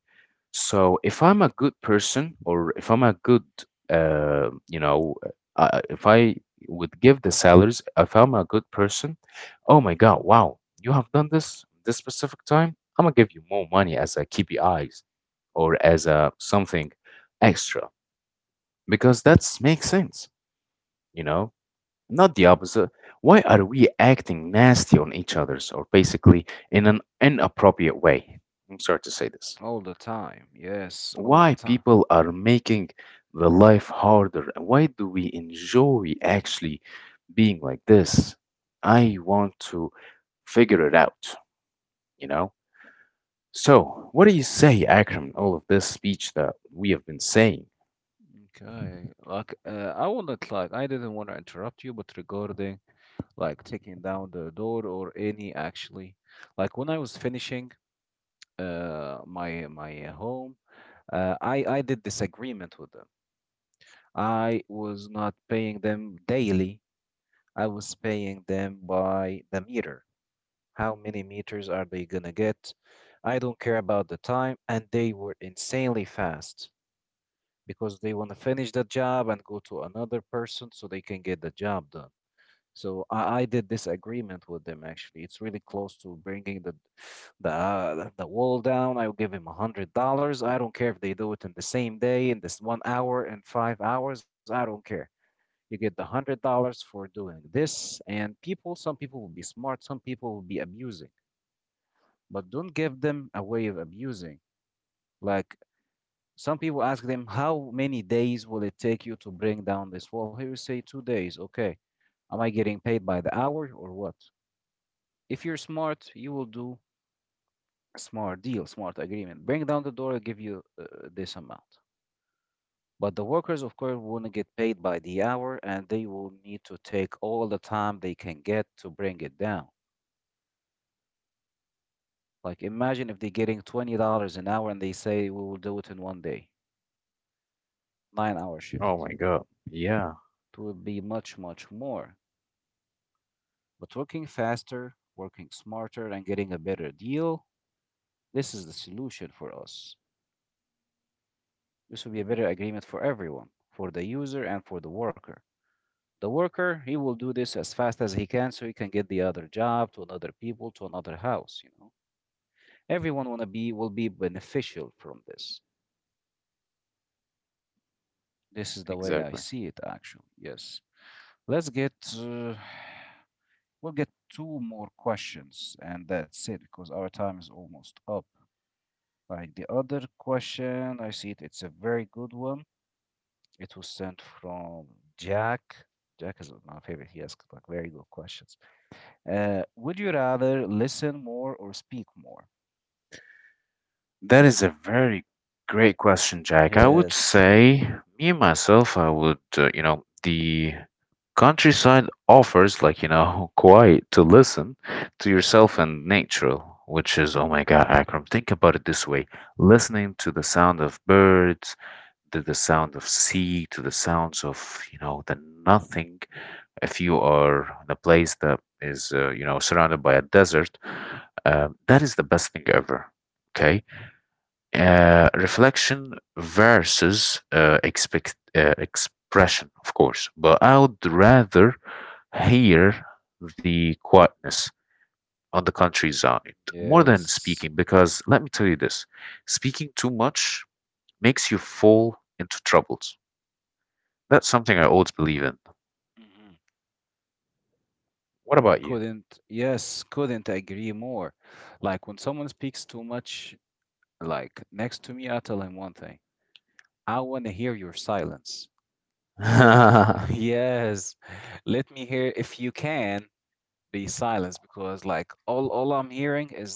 Speaker 2: So if I'm a good person or if I'm a good, uh, you know, if I would give the salaries, if I'm a good person, oh my God, wow, you have done this this specific time. I'm gonna give you more money as a KPIs or as a something extra because that's makes sense, you know. Not the opposite. Why are we acting nasty on each other's or basically in an inappropriate way? I'm sorry to say this.
Speaker 1: All the time. Yes, all the
Speaker 2: Why
Speaker 1: time.
Speaker 2: people are making the life harder? And why do we enjoy actually being like this? I want to figure it out, you know? So, what do you say, Akram, all of this speech that we have been saying?
Speaker 1: Okay. Like, I wanted, like, I didn't want to interrupt you, but regarding like taking down the door or any actually, like when I was finishing my home, I did this agreement with them. I was not paying them daily. I was paying them by the meter. How many meters are they gonna get? I don't care about the time. And they were insanely fast because they want to finish the job and go to another person so they can get the job done. So I did this agreement with them actually. It's really close to bringing the the wall down. I will give him $100. I don't care if they do it in the same day, in this 1 hour, in 5 hours. I don't care. You get the $100 for doing this, and people. Some people will be smart. Some people will be abusing but don't give them a way of abusing. Like, some people ask them, how many days will it take you to bring down this wall? Here you say 2 days. Okay, am I getting paid by the hour or what? If you're smart, you will do a smart deal, smart agreement. Bring down the door, I give you this amount. But the workers, of course, want to get paid by the hour and they will need to take all the time they can get to bring it down. Like, imagine if they're getting $20 an hour and they say we will do it in 1 day, 9 hour
Speaker 2: Oh
Speaker 1: shift.
Speaker 2: my God. Yeah,
Speaker 1: It will be much, much more. But working faster, working smarter, and getting a better deal, this is the solution for us. This will be a better agreement for everyone, for the user and for the worker. The worker, he will do this as fast as he can so he can get the other job to another people to another house, you know. Everyone wanna be will be beneficial from this. This is the way I
Speaker 2: exactly.
Speaker 1: see it actually. Yes. Let's get uh, we'll get two more questions and that's it because our time is almost up. Like, the other question, I see it. It's a very good one. It was sent from Jack. Jack is my favorite. He asks like very good questions. Would you rather listen more or speak more?
Speaker 2: That is a very great question, Jack. I would
Speaker 1: Yes,
Speaker 2: say, me myself, I would, the countryside offers, like, you know, quiet to listen to yourself and nature, which is, oh my God, Akram, think about it this way. Listening to the sound of birds, to the sound of sea, to the sounds of, you know, the nothing. If you are in a place that is, surrounded by a desert, that is the best thing ever. Okay, reflection versus expect expression, of course, but I would rather hear the quietness on the countryside more than
Speaker 1: yes.
Speaker 2: speaking, because let me tell you this: speaking too much makes you fall into troubles. That's something I always believe in.
Speaker 1: Mhm.
Speaker 2: What about you?
Speaker 1: Couldn't, yes, couldn't agree more. Like, when someone speaks too much, like next to me, I tell him one thing. I want to hear your silence. Yes, let me hear if you can. Be silenced because like all I'm hearing is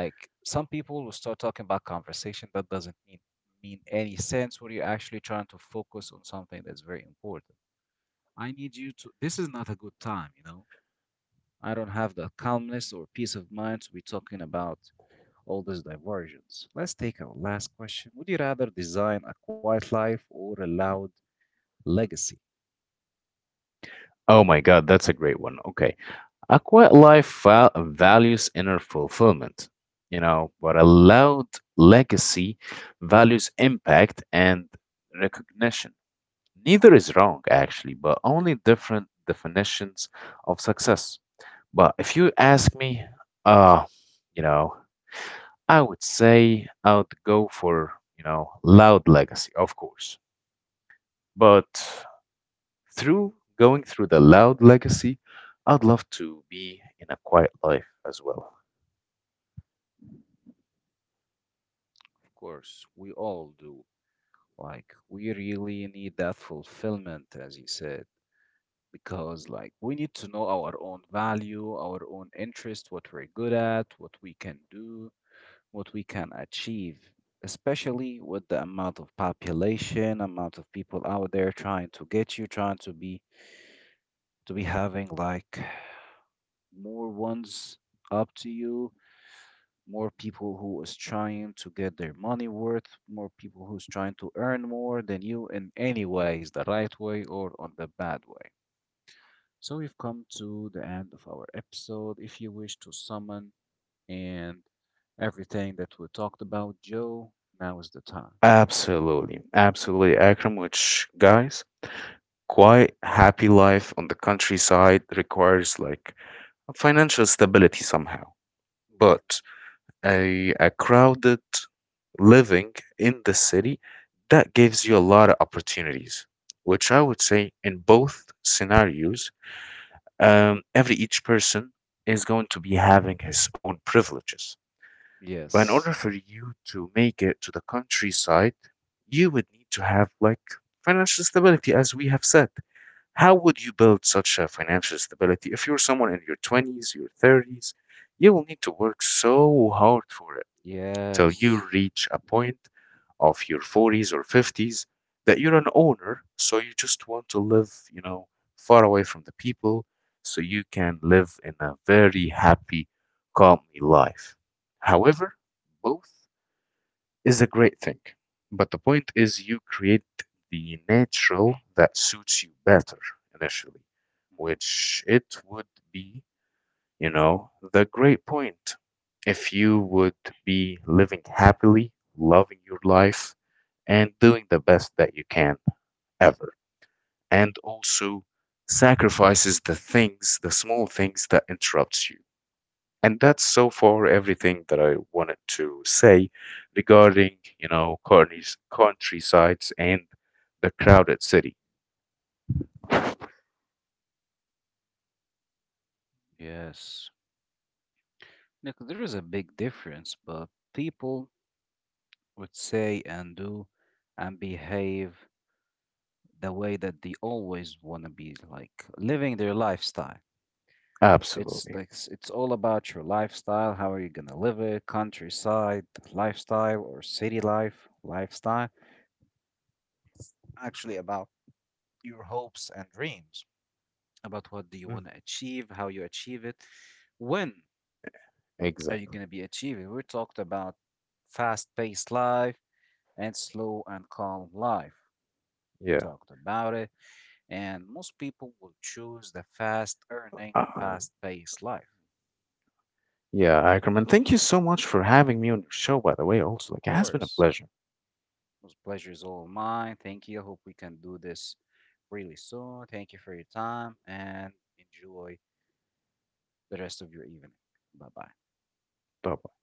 Speaker 1: like some people will start talking about conversation that doesn't mean any sense when you're actually trying to focus on something that's very important. I need you to this is not a good time, you know. I don't have the calmness or peace of mind to be talking about all these diversions. Let's take our last question. Would you rather design a quiet life or a loud legacy?
Speaker 2: Oh my God, that's a great one. Okay. A quiet life values inner fulfillment, you know, but a loud legacy values impact and recognition. Neither is wrong, actually, but only different definitions of success. But if you ask me, uh, you know, I would say I would go for, you know, loud legacy, of course. But through going through the loud legacy, I'd love to be in a quiet life as well.
Speaker 1: Of course, we all do. Like, we really need that fulfillment, as you said, because, like, we need to know our own value, our own interest, what we're good at, what we can do, what we can achieve, especially with the amount of population, amount of people out there trying to get you, trying to be having like more ones up to you, more people who is trying to get their money worth, more people who's trying to earn more than you in any ways, the right way or on the bad way. So we've come to the end of our episode. If you wish to summon and everything that we talked about, Joe, now is the time.
Speaker 2: Absolutely, absolutely, Akram, which guys, quite happy life on the countryside requires like financial stability somehow. But a crowded living in the city, that gives you a lot of opportunities, which I would say in both scenarios, every each person is going to be having his own privileges. But in order
Speaker 1: Yes.
Speaker 2: for you to make it to the countryside, you would need to have like financial stability, as we have said. How would you build such a financial stability? If you're someone in your 20s, your 30s, you will need to work so hard for it till you
Speaker 1: Yes.
Speaker 2: reach a point of your 40s or 50s that you're an owner, so you just want to live, you know, far away from the people so you can live in a very happy, calmly life. However, both is a great thing. But the point is, you create the natural that suits you better initially,
Speaker 1: Mhm.
Speaker 2: which it would be, you know, the great point. If you would be living happily, loving your life, and doing the best that you can ever, and also sacrifices the things, the small things that interrupts you, and that's so far everything that I wanted to say regarding, you know, Courtney's countrysides and the crowded city.
Speaker 1: Yes. Nick, there is a big difference, but people would say and do and behave the way that they always want to be like living their lifestyle. It's
Speaker 2: Absolutely.
Speaker 1: like it's all about your lifestyle. How are you gonna live it? Countryside lifestyle or city life lifestyle? Actually, about your hopes and dreams. About what do you
Speaker 2: Mm,
Speaker 1: want to achieve? How you achieve it? When are you
Speaker 2: exactly.
Speaker 1: gonna be achieving? We talked about fast-paced life and slow and calm life. We
Speaker 2: Yeah.
Speaker 1: talked about it. And most people will choose the fast earning,
Speaker 2: Uh,
Speaker 1: fast paced life. Of
Speaker 2: yeah, Ackerman, thank you so much for having me on your show, by the way, also. Like, it has been a
Speaker 1: course.
Speaker 2: pleasure.
Speaker 1: Most pleasure is all mine. Thank you. I hope we can do this really soon. Thank you for your time and enjoy the rest of your evening. Bye bye.
Speaker 2: Bye.